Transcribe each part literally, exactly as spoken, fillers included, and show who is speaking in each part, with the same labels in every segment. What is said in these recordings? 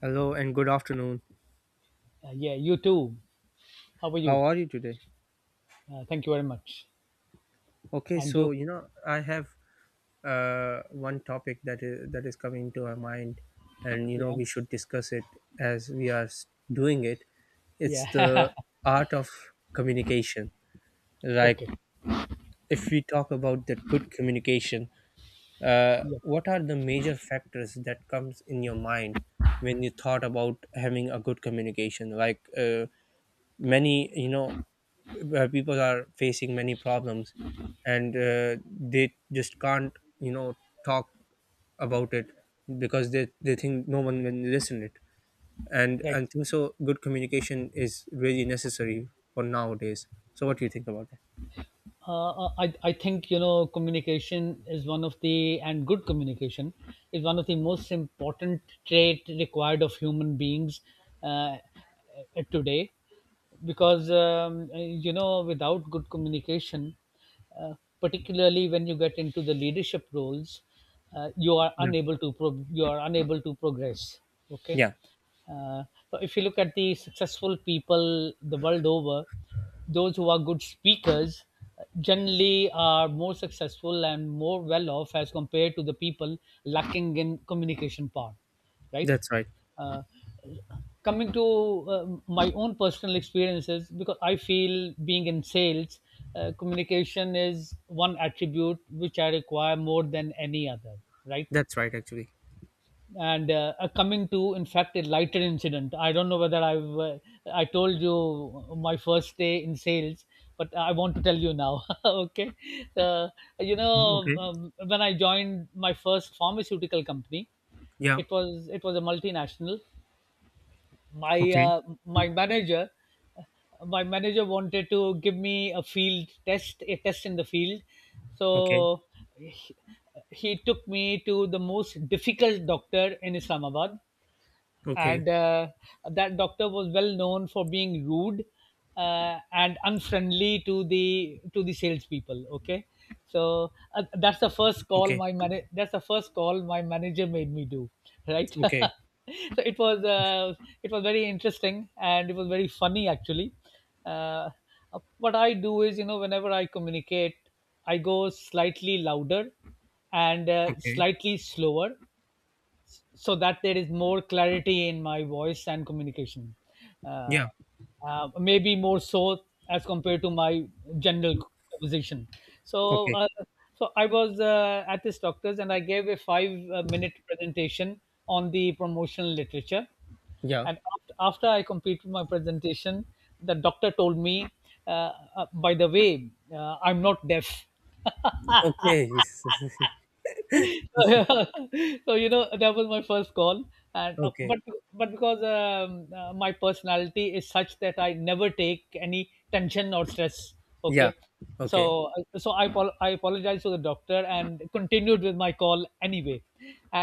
Speaker 1: Hello and good afternoon.
Speaker 2: Uh, yeah, you too. How are you?
Speaker 1: How are you today?
Speaker 2: Uh, thank you very much.
Speaker 1: Okay,
Speaker 2: And
Speaker 1: so
Speaker 2: you?
Speaker 1: you know I have uh, one topic that is that is coming to our mind, and you know
Speaker 2: Yeah,
Speaker 1: we should discuss it as we are s- doing it. It's the
Speaker 2: yeah.
Speaker 1: art of communication. Like
Speaker 2: Okay.
Speaker 1: if we talk about that good communication, uh,
Speaker 2: Yeah,
Speaker 1: what are the major factors that comes in your mind when you thought about having a good communication? Like uh, many you know uh, people are facing many problems and uh, they just can't you know talk about it because they, they think no one will listen it, and
Speaker 2: right.
Speaker 1: and think so good communication is really necessary for nowadays. So what do you think about that?
Speaker 2: uh, uh, I, I think you know communication is one of the and good communication is one of the most important trait required of human beings uh, today because um, you know without good communication uh, particularly when you get into the leadership roles uh, you are
Speaker 1: Yeah.
Speaker 2: unable to pro- you are unable to progress. Okay,
Speaker 1: Yeah.
Speaker 2: uh, so if you look at the successful people the world over, those who are good speakers uh, generally are more successful and more well off as compared to the people lacking in communication power, right?
Speaker 1: That's right.
Speaker 2: Uh, Coming to uh, my own personal experiences, because I feel being in sales, uh, communication is one attribute which I require more than any other, right?
Speaker 1: That's right, actually.
Speaker 2: and uh, uh, coming to in fact a lighter incident, I don't know whether i've uh, i told you my first day in sales, but I want to tell you now. Okay. uh, you know,
Speaker 1: Okay.
Speaker 2: um, when I joined my first pharmaceutical company,
Speaker 1: Yeah.
Speaker 2: it was it was a multinational. my
Speaker 1: Okay.
Speaker 2: uh, my manager, my manager wanted to give me a field test, a test in the field.
Speaker 1: Okay.
Speaker 2: So he, he took me to the most difficult doctor in Islamabad,
Speaker 1: Okay.
Speaker 2: and uh, that doctor was well known for being rude uh, and unfriendly to the to the salespeople. Okay, so uh, that's the first call
Speaker 1: Okay.
Speaker 2: my man. That's the first call my manager made me do. Right. So
Speaker 1: Okay.
Speaker 2: it was uh, it was very interesting and it was very funny actually. Uh, what I do is, you know, whenever I communicate, I go slightly louder and uh,
Speaker 1: Okay.
Speaker 2: slightly slower, so that there is more clarity in my voice and communication. Uh,
Speaker 1: Yeah.
Speaker 2: uh, Maybe more so as compared to my general conversation. So,
Speaker 1: Okay.
Speaker 2: uh, so I was uh, at this doctor's and I gave a five-minute presentation on the promotional literature.
Speaker 1: Yeah.
Speaker 2: And after, after I completed my presentation, the doctor told me, uh, uh, by the way, uh, I'm not deaf.
Speaker 1: Okay.
Speaker 2: So you know that was my first call. and uh,
Speaker 1: Okay.
Speaker 2: but but because um, uh, my personality is such that I never take any tension or stress. Okay.
Speaker 1: Yeah.
Speaker 2: So
Speaker 1: Okay.
Speaker 2: uh, so i apo- i apologized to the doctor and continued with my call anyway.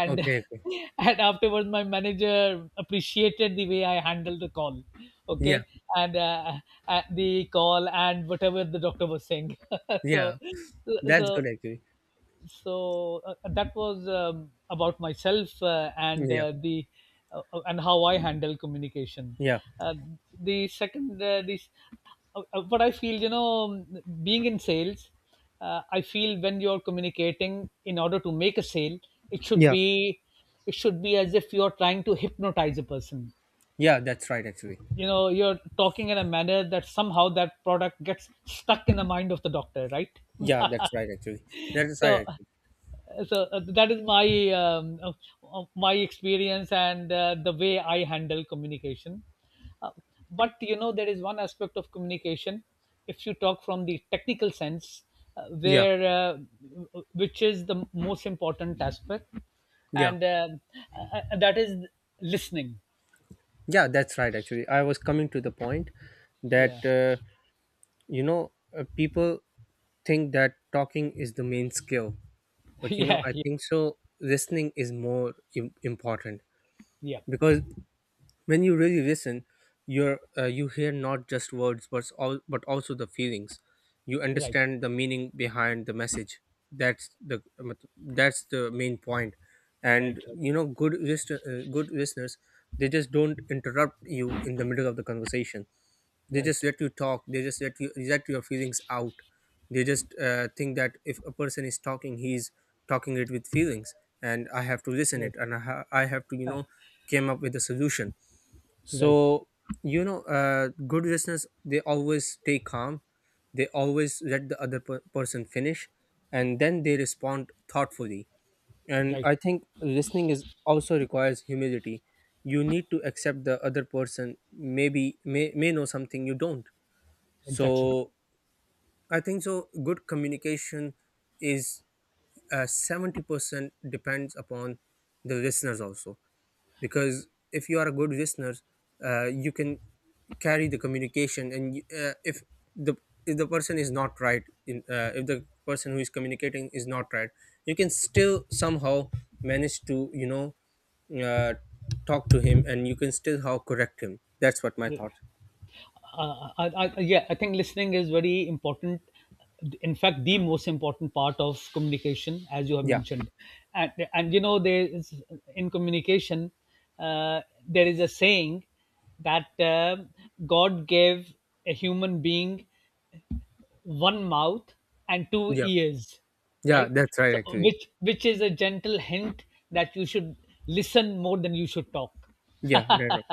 Speaker 2: And
Speaker 1: Okay. Okay.
Speaker 2: and afterwards, my manager appreciated the way I handled the call. Okay.
Speaker 1: Yeah.
Speaker 2: And uh, uh, the call and whatever the doctor was saying. so
Speaker 1: Yeah. That's
Speaker 2: so
Speaker 1: good, actually.
Speaker 2: so uh, uh, that was um, about myself uh, and
Speaker 1: Yeah.
Speaker 2: uh, the uh, uh, and how I handle communication.
Speaker 1: Yeah.
Speaker 2: Uh, the second, uh, this uh, uh, What I feel, you know, um, being in sales, uh, I feel when you're communicating in order to make a sale, it should
Speaker 1: Yeah.
Speaker 2: be it should be as if you're trying to hypnotize a person.
Speaker 1: Yeah. That's right, actually.
Speaker 2: You know, you're talking in a manner that somehow that product gets stuck in the mind of the doctor, right?
Speaker 1: Yeah. That's right, actually. That's right,
Speaker 2: so
Speaker 1: actually.
Speaker 2: so uh, that is my um, uh, uh, my experience and uh, the way I handle communication. uh, but you know there is one aspect of communication, if you talk from the technical sense, uh,
Speaker 1: Yeah.
Speaker 2: where uh, w- which is the most important aspect,
Speaker 1: Yeah.
Speaker 2: and uh, uh, uh, that is listening.
Speaker 1: Yeah. That's right, actually. I was coming to the point that
Speaker 2: Yeah.
Speaker 1: uh, you know uh, people think that talking is the main skill, but you know
Speaker 2: Yeah,
Speaker 1: I
Speaker 2: yeah,
Speaker 1: think so. Listening is more Im- important,
Speaker 2: yeah.
Speaker 1: because when you really listen you're uh, you hear not just words but all but also the feelings. You
Speaker 2: Right,
Speaker 1: understand the meaning behind the message. That's the, that's the main point point. And
Speaker 2: right, right,
Speaker 1: you know, good list, uh, good listeners, they just don't interrupt you in the middle of the conversation. They just
Speaker 2: right,
Speaker 1: let you talk, they just let you let your feelings out. They just uh, think that if a person is talking, he's talking it with feelings, and I have to listen
Speaker 2: right,
Speaker 1: it, and i, ha- I have to, you know came up with a solution.
Speaker 2: right,
Speaker 1: So, you know, uh, good listeners, they always stay calm. They always let the other per- person finish, and then they respond thoughtfully. And
Speaker 2: right.
Speaker 1: I think listening is also requires humility. You need to accept the other person maybe may, may know something you don't.
Speaker 2: Exactly.
Speaker 1: So, I think so good communication is uh, seventy percent depends upon the listeners also, because if you are a good listener uh, you can carry the communication, and you- uh, if the if the person is not right in, uh, if the person who is communicating is not right, you can still somehow manage to, you know uh, talk to him, and you can still how correct him. That's what my thought.
Speaker 2: Uh, I, I, yeah, I think listening is very important. In fact, the most important part of communication, as you have
Speaker 1: Yeah.
Speaker 2: mentioned, and and you know there is in communication, uh, there is a saying that uh, God gave a human being one mouth and two
Speaker 1: Yeah.
Speaker 2: ears,
Speaker 1: Yeah,
Speaker 2: right?
Speaker 1: that's right,
Speaker 2: So
Speaker 1: actually.
Speaker 2: which which is a gentle hint that you should listen more than you should talk.
Speaker 1: Yeah. Right, right.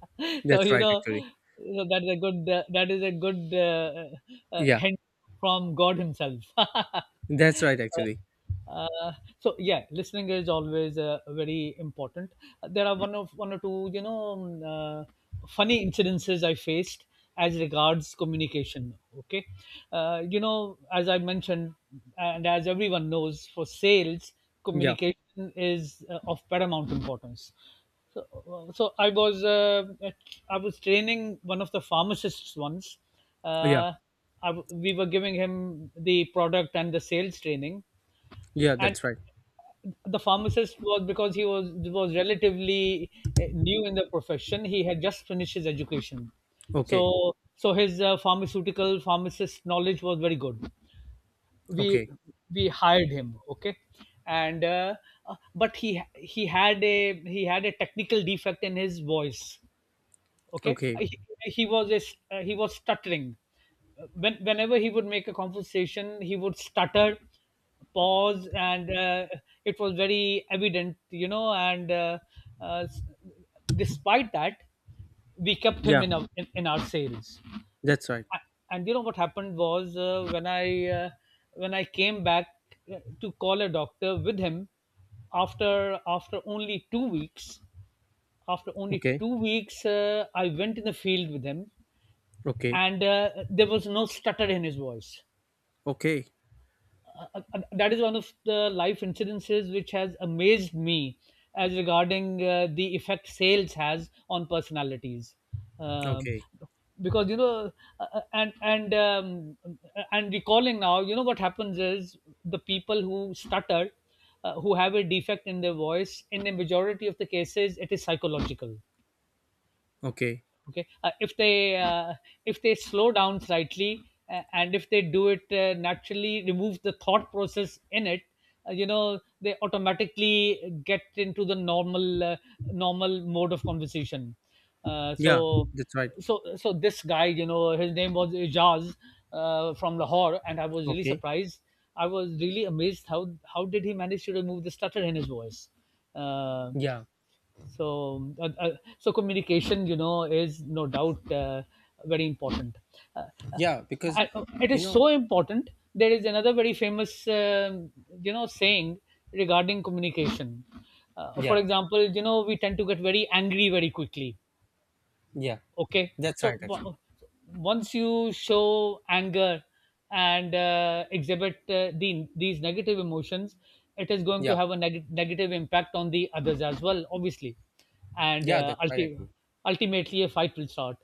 Speaker 2: So
Speaker 1: That's
Speaker 2: you
Speaker 1: right,
Speaker 2: know,
Speaker 1: actually.
Speaker 2: so that is a good uh, that is a good uh, uh, uh,
Speaker 1: Yeah.
Speaker 2: hint from God himself.
Speaker 1: That's right, actually.
Speaker 2: uh, so yeah, listening is always uh, very important. There are one of one or two, you know, um, uh, funny incidences I faced as regards communication. Okay. Uh, you know, as I mentioned, and as everyone knows, for sales,
Speaker 1: Yeah.
Speaker 2: communication is uh, of paramount importance. So, uh, so I was uh, at- I was training one of the pharmacists once.
Speaker 1: Yeah.
Speaker 2: Uh, I w We were giving him the product and the sales training,
Speaker 1: Yeah,
Speaker 2: and
Speaker 1: that's right.
Speaker 2: the pharmacist was, because he was was relatively uh, new in the profession, he had just finished his education. so
Speaker 1: Okay.
Speaker 2: so his uh, pharmaceutical pharmacist knowledge was very good. we
Speaker 1: Okay.
Speaker 2: we hired him. Okay. And uh, uh, but he he had a he had a technical defect in his voice. Okay.
Speaker 1: Okay.
Speaker 2: Uh, he, he was a, uh, he was stuttering. Uh, when, whenever he would make a conversation, he would stutter, pause, and uh, it was very evident, you know. and uh, uh, s- Despite that, we kept him
Speaker 1: Yeah,
Speaker 2: in, our in, in our sales.
Speaker 1: that's right.
Speaker 2: A- and you know what happened was, uh, when i uh, when I came back uh, to call a doctor with him, after after only two weeks, after only
Speaker 1: Okay.
Speaker 2: two weeks, uh, I went in the field with him,
Speaker 1: Okay.
Speaker 2: and uh, there was no stutter in his voice.
Speaker 1: Okay.
Speaker 2: Uh, uh, uh, that is one of the life incidences which has amazed me as regarding uh, the effect sales has on personalities. Um
Speaker 1: Okay.
Speaker 2: because you know, uh, uh, and and um, and recalling now, you know what happens is the people who stutter, uh, who have a defect in their voice, in the majority of the cases, it is psychological.
Speaker 1: Okay.
Speaker 2: Okay. Uh, if they uh, if they slow down slightly uh, and if they do it uh, naturally, remove the thought process in it, uh, you know, they automatically get into the normal uh, normal mode of conversation. uh,
Speaker 1: Yeah,
Speaker 2: so
Speaker 1: that's right.
Speaker 2: so so this guy, you know, his name was Ijaz, uh, from Lahore, and I was really
Speaker 1: Okay.
Speaker 2: surprised. I was really amazed how how did he manage to remove the stutter in his voice. uh,
Speaker 1: Yeah.
Speaker 2: so uh, uh, so communication, you know, is no doubt uh, very important. uh, uh,
Speaker 1: Yeah, because
Speaker 2: I, it
Speaker 1: you
Speaker 2: is
Speaker 1: know,
Speaker 2: so important. There is another very famous um you know saying regarding communication. Uh, for
Speaker 1: yeah.
Speaker 2: example, you know, we tend to get very angry very quickly.
Speaker 1: Yeah.
Speaker 2: Okay.
Speaker 1: That's
Speaker 2: so
Speaker 1: right, actually.
Speaker 2: w- Once you show anger and uh, exhibit uh, the, these negative emotions, it is going to
Speaker 1: Yeah.
Speaker 2: have a neg- negative impact on the others as well, obviously. and
Speaker 1: Yeah,
Speaker 2: uh,
Speaker 1: that's right,
Speaker 2: ulti-
Speaker 1: actually.
Speaker 2: ultimately a fight will start.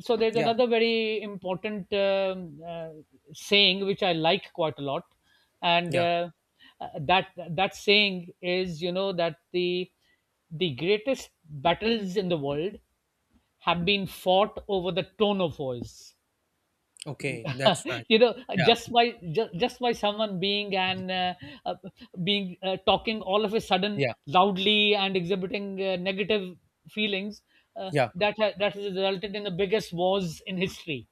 Speaker 2: So there's
Speaker 1: Yeah.
Speaker 2: another very important um, uh, saying which I like quite a lot, and
Speaker 1: Yeah.
Speaker 2: uh, uh, that that saying is, you know, that the the greatest battles in the world have been fought over the tone of voice.
Speaker 1: Okay, that's right.
Speaker 2: You know,
Speaker 1: Yeah.
Speaker 2: just by just, just by someone being and uh, uh, being uh, talking all of a sudden
Speaker 1: Yeah.
Speaker 2: loudly and exhibiting uh, negative feelings, uh,
Speaker 1: Yeah.
Speaker 2: that ha- that has resulted in the biggest wars in history.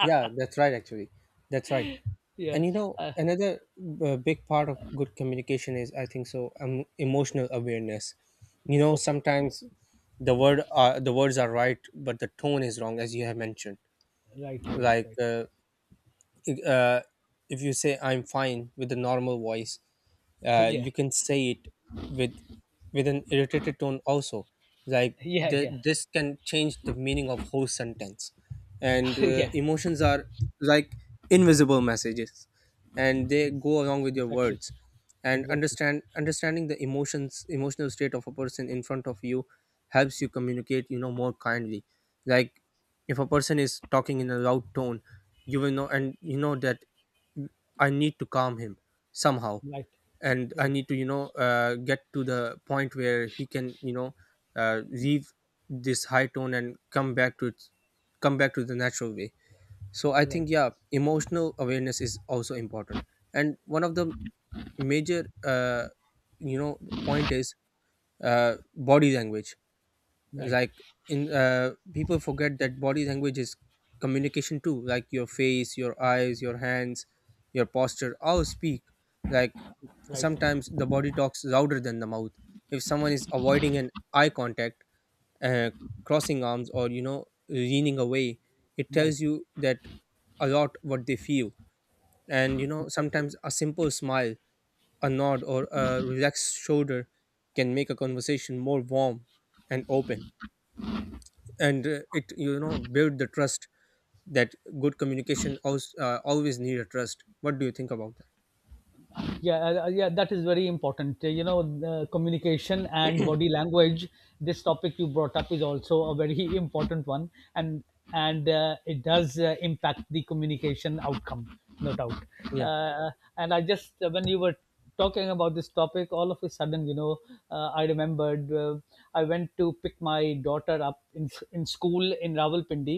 Speaker 1: Yeah, that's right, actually. That's right.
Speaker 2: Yeah.
Speaker 1: And you know,
Speaker 2: Uh,
Speaker 1: another uh, big part of good communication is, I think so, um, emotional awareness. You know,
Speaker 2: okay.
Speaker 1: sometimes the word uh, the words are right but the tone is wrong, as you have mentioned.
Speaker 2: Right. Right.
Speaker 1: Like
Speaker 2: Right.
Speaker 1: uh, if, uh, if you say I'm fine with a normal voice, uh,
Speaker 2: Yeah.
Speaker 1: you can say it with with an irritated tone also, like,
Speaker 2: Yeah.
Speaker 1: th-
Speaker 2: Yeah.
Speaker 1: this can change the meaning of whole sentence. And uh,
Speaker 2: Yeah.
Speaker 1: emotions are like invisible messages, and they go along with your
Speaker 2: Exactly.
Speaker 1: words, and
Speaker 2: Exactly.
Speaker 1: understand understanding the emotions emotional state of a person in front of you helps you communicate, you know more kindly. Like if a person is talking in a loud tone, you will know, and you know that I need to calm him somehow,
Speaker 2: Right.
Speaker 1: and I
Speaker 2: Right.
Speaker 1: need to, you know uh, get to the point where he can, you know uh, leave this high tone and come back to its come back to the natural way. So I think,
Speaker 2: Right.
Speaker 1: yeah, emotional awareness is also important. And one of the major uh, you know point is uh, body language.
Speaker 2: Right.
Speaker 1: Like in uh, people forget that body language is communication too. Like your face, your eyes, your hands, your posture all speak. Like,
Speaker 2: Right.
Speaker 1: sometimes the body talks louder than the mouth. If someone is avoiding an eye contact, uh, crossing arms, or you know leaning away, it
Speaker 2: Right.
Speaker 1: tells you that a lot what they feel. And you know
Speaker 2: Exactly.
Speaker 1: sometimes a simple smile, a nod, or a relaxed shoulder can make a conversation more warm and open, and uh, it, you know build the trust. That good communication always, uh, always need a trust. What do you think about that?
Speaker 2: Yeah. Uh, uh, yeah, that is very important. Uh, you know, the communication and body language, this topic you brought up is also a very important one. And and uh, it does uh, impact the communication outcome, no doubt.
Speaker 1: Yeah.
Speaker 2: Uh, and i just uh, when you were talking about this topic, all of a sudden, you know, uh, i remembered, uh, I went to pick my daughter up in, in school in Rawalpindi.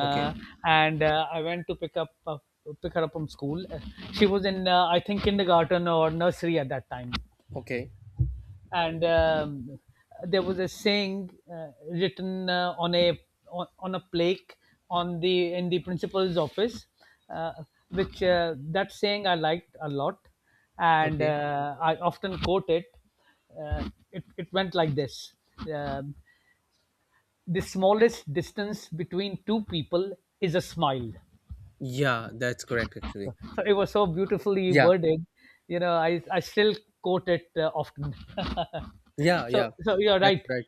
Speaker 1: Okay.
Speaker 2: and uh, I went to pick up uh, pick her up from school. Uh, she was in, uh, I think, kindergarten or nursery at that time.
Speaker 1: Okay.
Speaker 2: And um, there was a saying uh, written uh, on a on, on a plaque on the in the principal's office, uh, which uh, that saying I liked a lot, and
Speaker 1: Okay.
Speaker 2: uh, I often quote it. Uh, it, it went like this. Um the smallest distance between two people is a smile.
Speaker 1: Yeah, that's correct,
Speaker 2: so,
Speaker 1: actually.
Speaker 2: so it was so beautifully
Speaker 1: Yeah.
Speaker 2: worded, you know. i, I still quote it uh, often.
Speaker 1: Yeah.
Speaker 2: So
Speaker 1: Yeah,
Speaker 2: so you're
Speaker 1: that's
Speaker 2: right.
Speaker 1: right.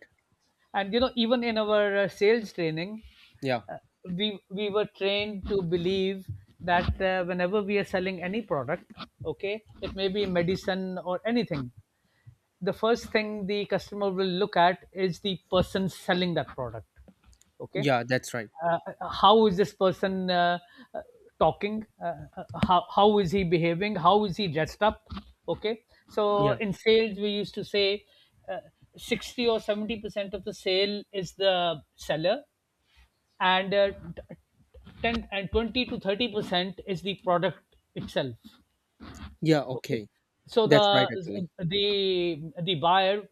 Speaker 2: And you know, even in our uh, sales training,
Speaker 1: Yeah.
Speaker 2: uh, we we were trained to believe that uh, whenever we are selling any product, okay, it may be medicine or anything, the first thing the customer will look at is the person selling that product. Okay.
Speaker 1: Yeah, that's right.
Speaker 2: uh, how is this person uh, uh, talking, uh, uh, how, how is he behaving, how is he dressed up? Okay. So
Speaker 1: Yeah.
Speaker 2: in sales we used to say, uh, sixty or seventy percent of the sale is the seller, and uh, ten and twenty to thirty percent is the product itself.
Speaker 1: Yeah.
Speaker 2: Okay.
Speaker 1: Okay,
Speaker 2: So
Speaker 1: that's right,
Speaker 2: the
Speaker 1: actually.
Speaker 2: the the buyer,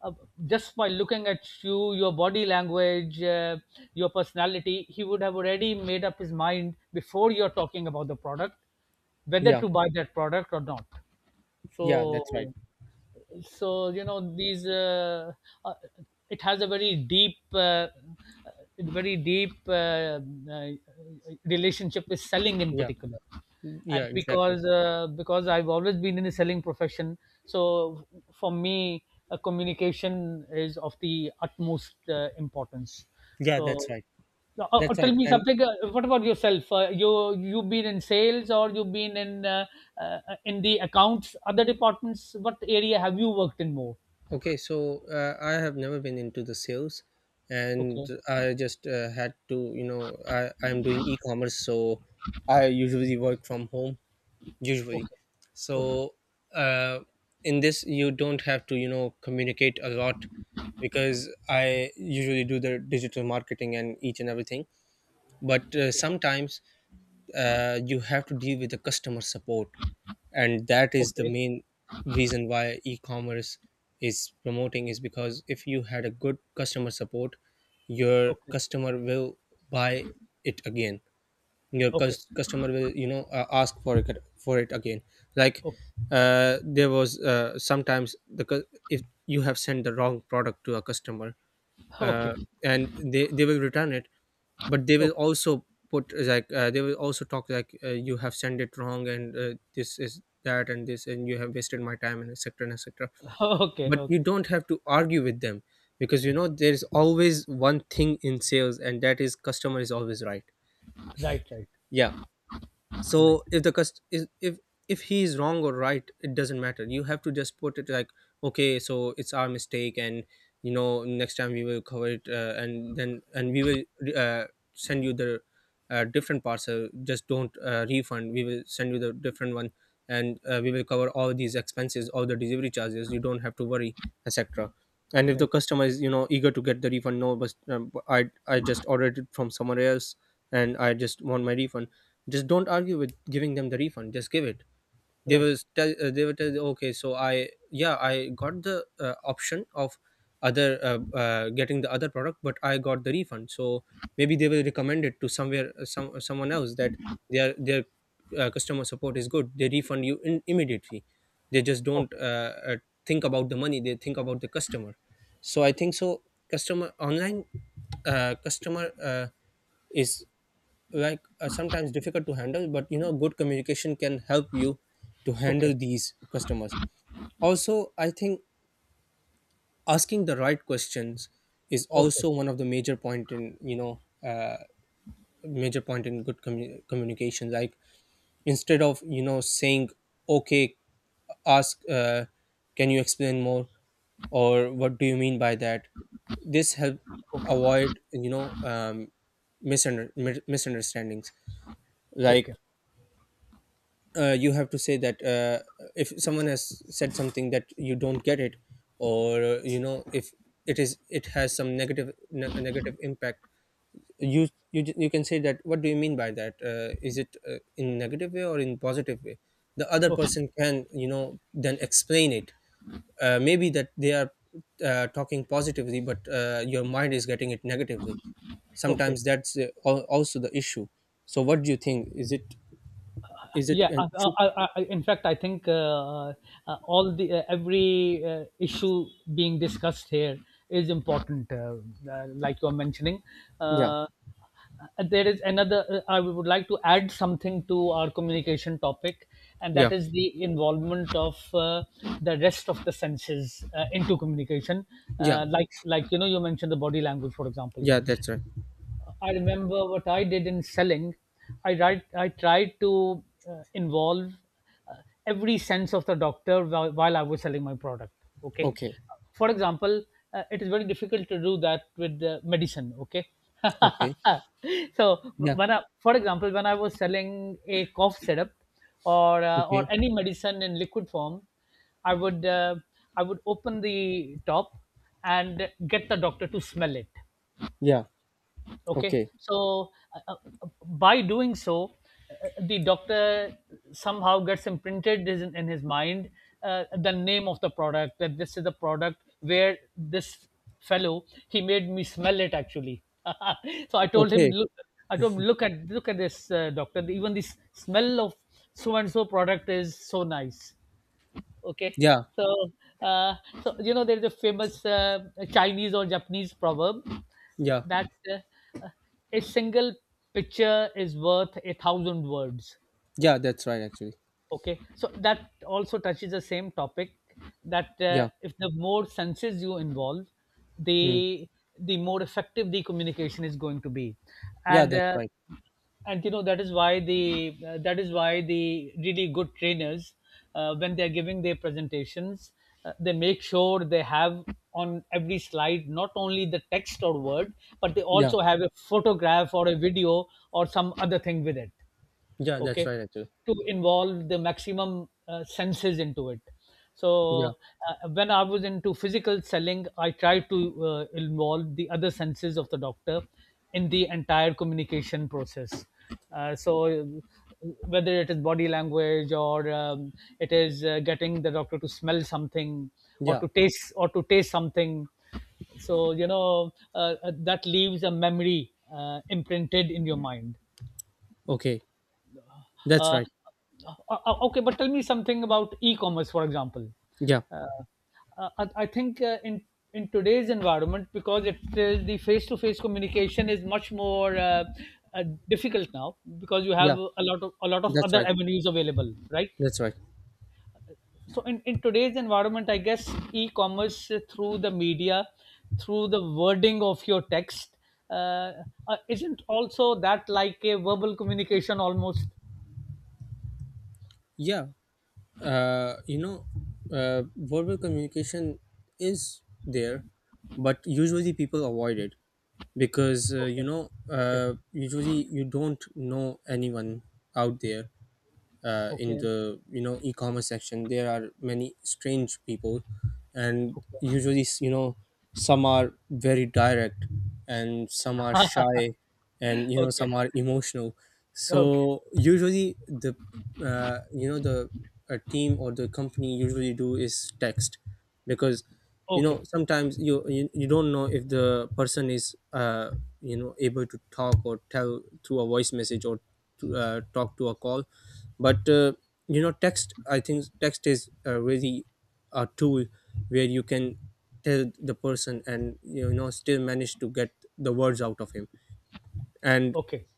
Speaker 2: uh, just by looking at you, your body language, uh, your personality, he would have already made up his mind before you're talking about the product, whether
Speaker 1: Yeah.
Speaker 2: to buy that product or not.
Speaker 1: Yeah, that's right.
Speaker 2: So so you know these uh, uh, it has a very deep uh, uh, very deep uh, uh, relationship with selling in
Speaker 1: Yeah.
Speaker 2: particular. And
Speaker 1: Yeah,
Speaker 2: because
Speaker 1: exactly.
Speaker 2: uh, because I've always been in the selling profession, so for me, uh, communication is of the utmost uh, importance.
Speaker 1: Yeah,
Speaker 2: So
Speaker 1: that's right.
Speaker 2: no, Uh, uh,
Speaker 1: That's
Speaker 2: tell
Speaker 1: right.
Speaker 2: me
Speaker 1: And
Speaker 2: something. Uh, what about yourself? Uh, you you've been in sales, or you've been in uh, uh, in the accounts, other departments. What area have you worked in more?
Speaker 1: okay, so uh, I have never been into the sales, and
Speaker 2: Okay,
Speaker 1: I just uh, had to, you know, I I'm doing e-commerce, so I usually work from home usually.
Speaker 2: okay, okay,
Speaker 1: So uh, in this, you don't have to, you know, communicate a lot, because I usually do the digital marketing and each and everything. But uh, sometimes uh, you have to deal with the customer support, and that is the
Speaker 2: okay,
Speaker 1: main reason why e-commerce is promoting, is because if you had a good customer support, your
Speaker 2: okay,
Speaker 1: customer will buy it again. Your cus- customer will, you know uh, ask for it for it again. Like, uh, there was, uh, sometimes the cu- if you have sent the wrong product to a customer,
Speaker 2: okay, okay,
Speaker 1: uh,
Speaker 2: okay,
Speaker 1: and they they will return it, but they will also put, uh, like, uh, they will also talk like, uh, you have sent it wrong, and uh, this is that, and this, and you have wasted my time, and etc and etc.
Speaker 2: okay, okay, okay.
Speaker 1: But you
Speaker 2: Okay.
Speaker 1: don't have to argue with them, because you know there's always one thing in sales, and that is customer is always right.
Speaker 2: Right, right,
Speaker 1: Yeah.
Speaker 2: right,
Speaker 1: So if the cust- is- if, if he is wrong or right, it doesn't matter. You have to just put it like, okay, so it's our mistake, and you know next time we will cover it, uh, and then and we will, uh, send you the, uh, different parcel. Just don't, uh, refund. We will send you the different one, and uh, we will cover all these expenses, all the delivery charges, you don't have to worry, etc. And if the
Speaker 2: right,
Speaker 1: customer is, you know eager to get the refund, no but um, i i just ordered it from somewhere else, and I just want my refund, just don't argue with giving them the refund, just give it. They will
Speaker 2: right.
Speaker 1: tell, uh, they will tell you, okay, so I, yeah, I got the uh, option of other, uh, uh, getting the other product, but I got the refund. So maybe they will recommend it to somewhere, uh, some, uh, someone else, that their their uh, customer support is good, they refund you in, immediately. They just don't,
Speaker 2: Okay,
Speaker 1: uh, uh, think about the money, they think about the customer. So I think so, customer online, uh, customer, uh, is, like, uh, sometimes difficult to handle, but you know good communication can help you to
Speaker 2: okay,
Speaker 1: handle these customers. Also I think asking the right questions is
Speaker 2: okay,
Speaker 1: also one of the major point in, you know uh, major point in good commu- communication. Like, instead of you know saying okay, ask, uh, can you explain more, or what do you mean by that. This help
Speaker 2: okay,
Speaker 1: avoid, you know um, misunder- mi- misunderstandings. Like
Speaker 2: okay,
Speaker 1: uh, you have to say that uh, if someone has said something that you don't get it, or uh, you know if it is it has some negative, ne- negative impact, you, you ju- you can say that, what do you mean by that, uh, is it, uh, in negative way or in positive way, the other
Speaker 2: okay,
Speaker 1: person can, you know then explain it. Uh, maybe that they are, uh, talking positively, but uh, your mind is getting it negatively
Speaker 2: okay,
Speaker 1: sometimes. That's uh, al- also the issue. So what do you think, is it, is it
Speaker 2: yeah.
Speaker 1: an
Speaker 2: I, I,
Speaker 1: issue?
Speaker 2: I, I- in fact I think uh, uh, all the uh, every uh, issue being discussed here is important. Uh, uh, like you are mentioning,
Speaker 1: Yeah.
Speaker 2: uh, uh, there is another, uh, I would like to add something to our communication topic, and that
Speaker 1: Yeah,
Speaker 2: is the involvement of uh, the rest of the senses uh, into communication.
Speaker 1: yeah,
Speaker 2: Uh, like like you know you mentioned the body language for example.
Speaker 1: yeah, that's right.
Speaker 2: I remember what I did in selling. I tried, I tried to uh, involve uh, every sense of the doctor while, while I was selling my product. Okay.
Speaker 1: Okay,
Speaker 2: For example, uh, it is very difficult to do that with uh, medicine. Okay.
Speaker 1: okay,
Speaker 2: So
Speaker 1: yeah,
Speaker 2: when I, for example, when I was selling a cough syrup or uh,
Speaker 1: okay,
Speaker 2: or any medicine in liquid form, I would uh, I would open the top and get the doctor to smell it.
Speaker 1: yeah,
Speaker 2: Okay,
Speaker 1: okay,
Speaker 2: so uh, uh, by doing so, uh, the doctor somehow gets imprinted his- in his mind uh, the name of the product, that this is the product where this fellow, he made me smell it actually. So i told him
Speaker 1: okay,
Speaker 2: look i told him, look at look at this, uh, doctor, even this smell of so and so product is so nice. Okay.
Speaker 1: yeah,
Speaker 2: So, uh, so you know, there's a famous uh, Chinese or Japanese proverb
Speaker 1: yeah,
Speaker 2: that uh, a single picture is worth a thousand words.
Speaker 1: yeah, that's right, actually.
Speaker 2: Okay, so that also touches the same topic, that uh,
Speaker 1: Yeah,
Speaker 2: if the more senses you involve,
Speaker 1: hmm.
Speaker 2: the the more effective the communication is going to be.
Speaker 1: Yeah,
Speaker 2: and
Speaker 1: that's
Speaker 2: uh,
Speaker 1: right.
Speaker 2: and you know, that is why the uh, that is why the really good trainers, uh, when they are giving their presentations, uh, they make sure they have on every slide not only the text or word, but they
Speaker 1: Yeah,
Speaker 2: also have a photograph or a video or some other thing with it,
Speaker 1: yeah, that's
Speaker 2: okay,
Speaker 1: right, actually.
Speaker 2: to involve the maximum uh, senses into it.
Speaker 1: Yeah,
Speaker 2: So uh, when I was into physical selling, I tried to uh, involve the other senses of the doctor in the entire communication process. uh, so uh, Whether it is body language or um, it is uh, getting the doctor to smell something or
Speaker 1: yeah,
Speaker 2: to taste or to taste something. So you know, uh, uh, that leaves a memory uh, imprinted in your mind.
Speaker 1: okay, that's
Speaker 2: Uh,
Speaker 1: right.
Speaker 2: o Okay, but tell me something about e-commerce, for example.
Speaker 1: Yeah,
Speaker 2: Uh, uh, I I think uh, in in today's environment, because it is the face-to-face communication is much more uh, uh, difficult now, because you have
Speaker 1: yeah,
Speaker 2: a lot of a lot of
Speaker 1: that's
Speaker 2: other
Speaker 1: right,
Speaker 2: avenues available, right?
Speaker 1: that's right.
Speaker 2: So in, in today's environment, I guess e-commerce uh, through the media, through the wording of your text, uh, uh, isn't also that like a verbal communication almost?
Speaker 1: Yeah, uh, you know, uh, verbal communication is there, but usually people avoid it because uh, you
Speaker 2: Okay,
Speaker 1: know,
Speaker 2: okay.
Speaker 1: uh, usually you don't know anyone out there, uh, in
Speaker 2: Okay.
Speaker 1: the you know e-commerce section there are many strange people, and
Speaker 2: Okay.
Speaker 1: usually you know some are very direct, and some are shy, and you know
Speaker 2: Okay.
Speaker 1: some are emotional.
Speaker 2: Okay.
Speaker 1: So usually the uh, you know the a team or the company usually do is text, because you know
Speaker 2: Okay.
Speaker 1: sometimes you you, you don't know if the person is uh, you know able to talk or tell through a voice message, or to, uh, talk to a call. But uh, you know text, I think, text is uh, really a tool where you can tell the person and you know still manage to get the words out of him. And
Speaker 2: Okay.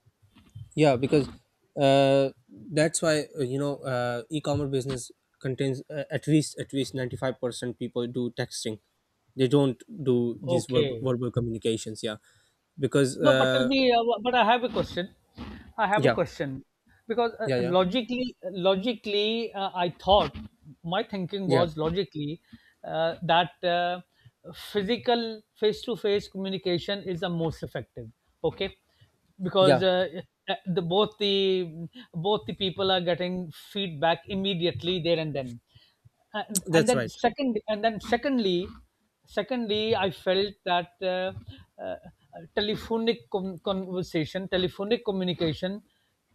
Speaker 1: yeah, because uh, that's why uh, you know uh, e-commerce business contains uh, at least at least ninety-five percent people do texting. They don't do these verb-
Speaker 2: Okay.
Speaker 1: verbal communications. Yeah, because
Speaker 2: No, but tell
Speaker 1: uh,
Speaker 2: me, uh, but I have a question. I have a
Speaker 1: yeah,
Speaker 2: question because uh,
Speaker 1: yeah, yeah,
Speaker 2: logically, logically, uh, I thought, my thinking
Speaker 1: yeah,
Speaker 2: was, logically uh, that uh, physical face-to-face communication is the most effective. Okay, because
Speaker 1: yeah.
Speaker 2: uh, uh, the both the both the people are getting feedback immediately there and then. and, and
Speaker 1: That's
Speaker 2: then
Speaker 1: right.
Speaker 2: second and then secondly, secondly i felt that uh, uh, telephonic con- conversation telephonic communication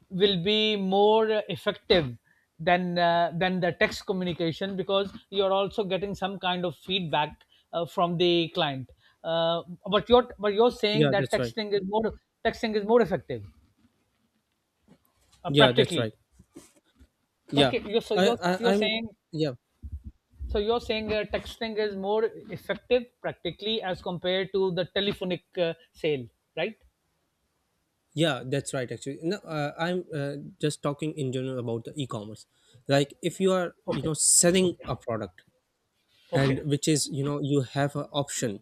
Speaker 2: will be more effective than uh, than the text communication, because you're also getting some kind of feedback uh, from the client, uh, but you're but you're saying
Speaker 1: Yeah,
Speaker 2: that
Speaker 1: that's right.
Speaker 2: texting is more texting is more effective uh,
Speaker 1: Yeah, that's right.
Speaker 2: practically.
Speaker 1: Yeah,
Speaker 2: Okay, you're, so
Speaker 1: I,
Speaker 2: you're
Speaker 1: I
Speaker 2: you're
Speaker 1: I'm
Speaker 2: saying,
Speaker 1: yeah,
Speaker 2: so you're saying, uh, texting is more effective practically as compared to the telephonic uh, sale, right?
Speaker 1: yeah, that's right, actually. No, uh, I'm uh, just talking in general about the e-commerce. Like, if you are you
Speaker 2: Okay,
Speaker 1: know selling
Speaker 2: okay,
Speaker 1: a product, and
Speaker 2: okay,
Speaker 1: which is you know you have an option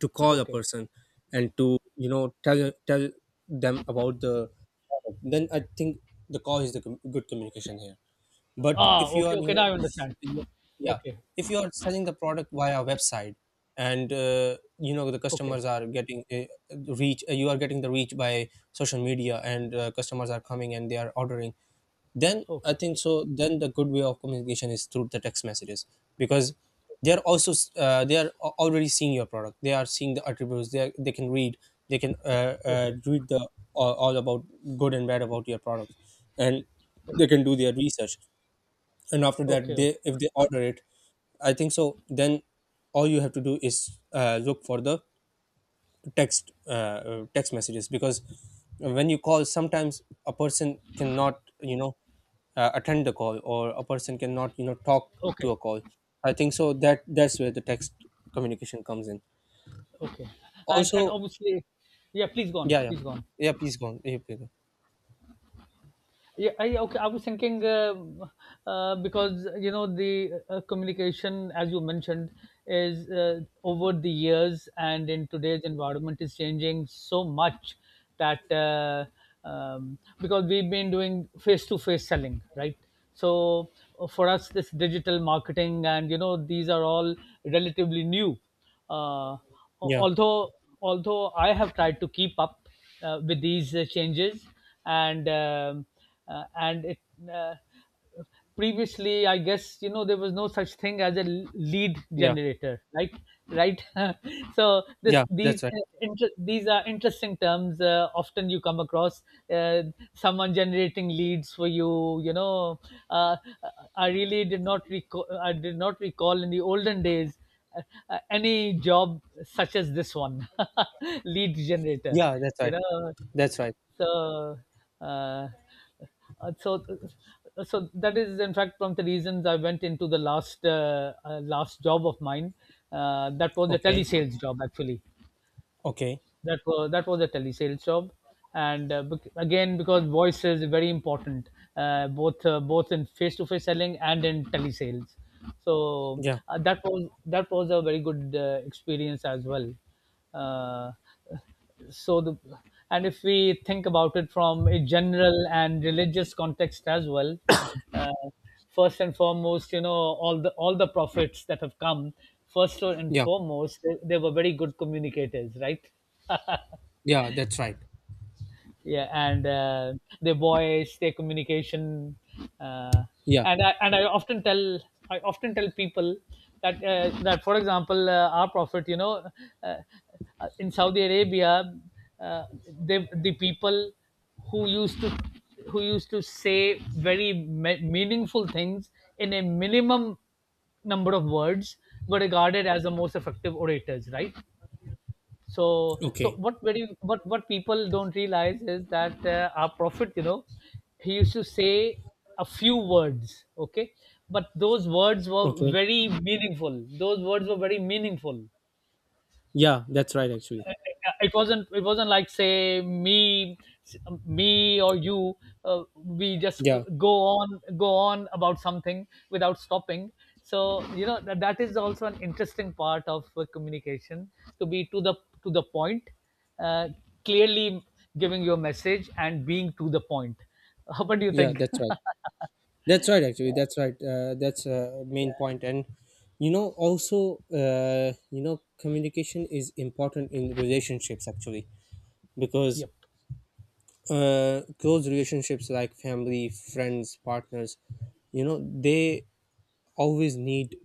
Speaker 1: to call a
Speaker 2: okay.
Speaker 1: person and to you know tell tell them about the product, then I think the call is the com- good communication here. But
Speaker 2: Ah,
Speaker 1: if you
Speaker 2: okay,
Speaker 1: are, you
Speaker 2: okay.
Speaker 1: know,
Speaker 2: Now I understand.
Speaker 1: yeah, yeah.
Speaker 2: Okay,
Speaker 1: If you are selling the product via website, and uh, you know the
Speaker 2: okay,
Speaker 1: customers are getting uh, reach, uh, you are getting the reach by social media, and uh, customers are coming and they are ordering. Then I
Speaker 2: okay,
Speaker 1: think so. Then the good way of communication is through the text messages, because they are also, uh, they are al- already seeing your product. They are seeing the attributes. They are, they can read. They can uh, uh,
Speaker 2: okay,
Speaker 1: read the all all about good and bad about your product, and they can do their research, and after that
Speaker 2: okay,
Speaker 1: they if they order it, I think so. Then all you have to do is uh, look for the text uh, uh, text messages, because when you call sometimes a person cannot you know uh, attend the call, or a person cannot you know talk to
Speaker 2: okay,
Speaker 1: a call. I think so that that's where the text communication comes in
Speaker 2: okay. And and
Speaker 1: also.
Speaker 2: obviously, yeah. Please go on.
Speaker 1: Yeah, yeah,
Speaker 2: Please go on.
Speaker 1: yeah, please go on. Yeah, please go on.
Speaker 2: Yeah, I okay. I was thinking uh, uh, because you know, the uh, communication, as you mentioned, is uh, over the years and in today's environment is changing so much that uh, um, because we've been doing face-to-face selling, right? So uh, for us, this digital marketing and you know, these are all relatively new. uh,
Speaker 1: Yeah,
Speaker 2: although Although I have tried to keep up uh, with these uh, changes, and um uh, and it, uh, previously, I guess you know, there was no such thing as a l- lead
Speaker 1: yeah,
Speaker 2: generator, right? Right. So this
Speaker 1: yeah,
Speaker 2: these
Speaker 1: that's right.
Speaker 2: uh, inter- these are interesting terms. Uh, often you come across uh, someone generating leads for you. You know, uh, I really did not recall. I did not recall in the olden days uh, any job such as this one, lead generator,
Speaker 1: Yeah, that's
Speaker 2: you
Speaker 1: right.
Speaker 2: know.
Speaker 1: That's right.
Speaker 2: So uh, uh, so uh, so that is in fact one of the reasons I went into the last uh, uh, last job of mine, uh, that was a
Speaker 1: Okay,
Speaker 2: telesales job actually.
Speaker 1: okay,
Speaker 2: That was that was a telesales job. And uh, bec- again, because voice is very important, uh, both uh, both in face to face selling and in telesales. So
Speaker 1: yeah,
Speaker 2: uh, that was that was a very good uh, experience as well. Uh, so the and if we think about it from a general and religious context as well, uh, first and foremost, you know, all the all the prophets that have come, first and
Speaker 1: yeah.
Speaker 2: foremost, they, they were very good communicators, right?
Speaker 1: Yeah, that's right.
Speaker 2: Yeah, and uh, their voice, their communication. uh,
Speaker 1: Yeah.
Speaker 2: and I, and I often tell, I often tell people that uh, that for example uh, our prophet you know, uh, uh, in Saudi Arabia, uh, they, the people who used to, who used to say very me- meaningful things in a minimum number of words were regarded as the most effective orators, right? So so
Speaker 1: Okay.
Speaker 2: what very what what people don't realize is that uh, our prophet, you know, he used to say a few words, okay, but those words were
Speaker 1: Okay.
Speaker 2: very meaningful. Those words were very meaningful
Speaker 1: Yeah, that's right. Actually.
Speaker 2: it wasn't, it wasn't like say me, me or you, uh, we just uh,
Speaker 1: Yeah.
Speaker 2: go on go on about something without stopping. So you know, that, that is also an interesting part of uh, communication, to be to the, to the point uh, clearly giving your message and being to the point. What do you
Speaker 1: Yeah,
Speaker 2: think?
Speaker 1: that's right. That's right.
Speaker 2: Yeah,
Speaker 1: Actually, that's right. Uh, that's uh,
Speaker 2: yeah,
Speaker 1: main point. And, you know, also, uh, you know, communication is important in relationships actually, because
Speaker 2: yep,
Speaker 1: uh, close relationships like family, friends, partners, you know, they always need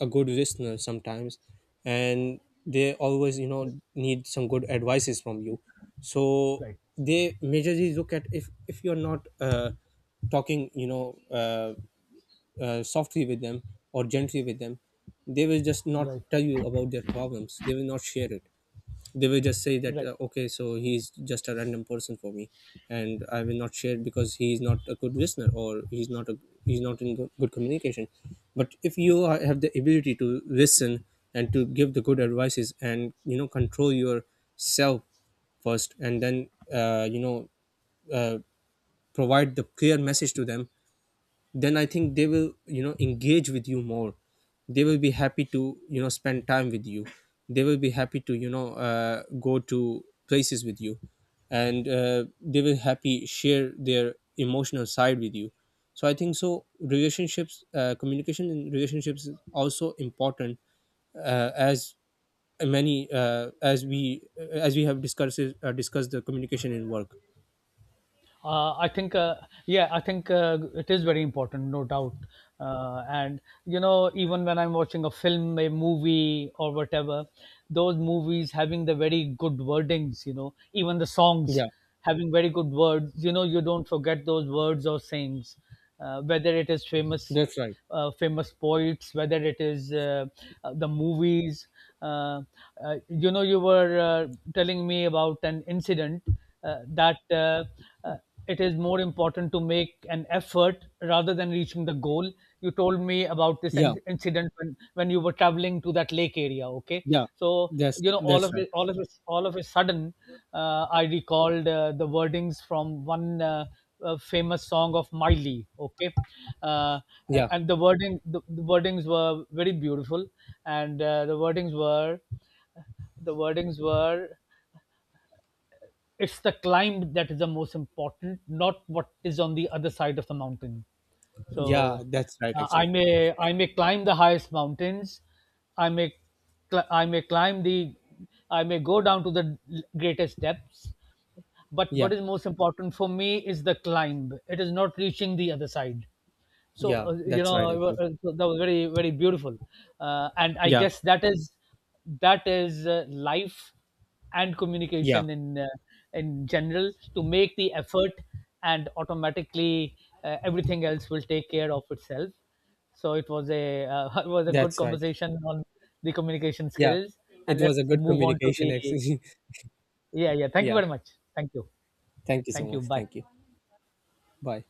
Speaker 1: a good listener sometimes. And they always you know need some good advices from you. So
Speaker 2: right,
Speaker 1: they majorly look at, if if you're not uh, talking, you know uh, uh, softly with them or gently with them, they will just not
Speaker 2: right,
Speaker 1: tell you about their problems, they will not share it. They will just say that,
Speaker 2: right.
Speaker 1: uh, okay, so he's just a random person for me, and I will not share, because he's not a good listener, or he's not a he's not in good, good communication. But if you are, have the ability to listen and to give the good advices, and you know control yourself first, and then uh, you know uh, provide the clear message to them, then I think they will you know engage with you more. They will be happy to you know spend time with you. They will be happy to you know uh, go to places with you, and uh, they will happy share their emotional side with you. So I think so, relationships uh, communication in relationships is also important, uh, as many uh, as we as we have discussed uh, discussed the communication in work.
Speaker 2: Uh, I think, uh, yeah, I think uh, it is very important, no doubt. Uh, and you know, even when I'm watching a film, a movie, or whatever, those movies having the very good wordings, you know, even the songs
Speaker 1: Yeah,
Speaker 2: having very good words, you know, you don't forget those words or sayings, uh, whether it is famous,
Speaker 1: that's right.
Speaker 2: uh, famous poets, whether it is uh, uh, the movies. Uh, uh, you know, you were uh, telling me about an incident uh, that uh, uh, it is more important to make an effort rather than reaching the goal. You told me about this
Speaker 1: Yeah,
Speaker 2: in- incident when, when you were traveling to that lake area. Okay,
Speaker 1: yeah,
Speaker 2: so
Speaker 1: that's
Speaker 2: you know, all
Speaker 1: that's
Speaker 2: of
Speaker 1: right.
Speaker 2: it, all of it, all of a sudden, uh, I recalled uh, the wordings from one. Uh, uh, famous song of Miley. Okay, uh,
Speaker 1: Yeah,
Speaker 2: and the wording the, the wordings were very beautiful, and uh, the wordings were the wordings were, it's the climb that is the most important, not what is on the other side of the mountain.
Speaker 1: yeah,
Speaker 2: So
Speaker 1: that's right,
Speaker 2: uh, I
Speaker 1: actually.
Speaker 2: may, I may climb the highest mountains. I may cl- I may climb the I may go down to the greatest depths. But
Speaker 1: Yeah,
Speaker 2: what is most important for me is the climb. It is not reaching the other side. So
Speaker 1: yeah,
Speaker 2: uh, you
Speaker 1: that's right,
Speaker 2: know,
Speaker 1: actually.
Speaker 2: uh, so that was very very beautiful, uh, and I
Speaker 1: Yeah,
Speaker 2: guess that is, that is uh, life and
Speaker 1: yeah,
Speaker 2: communication in uh, in general, to make the effort, and automatically uh, everything else will take care of itself. So it was a uh, it was a good
Speaker 1: that's right.
Speaker 2: conversation on the communication
Speaker 1: Yeah,
Speaker 2: skills, and
Speaker 1: it was a
Speaker 2: let's
Speaker 1: good
Speaker 2: move on to
Speaker 1: communication,
Speaker 2: the,
Speaker 1: actually.
Speaker 2: yeah yeah. Thank you
Speaker 1: Yeah,
Speaker 2: very much. Thank you.
Speaker 1: thank you so
Speaker 2: Thank you.
Speaker 1: much.
Speaker 2: Bye.
Speaker 1: Thank you. Bye.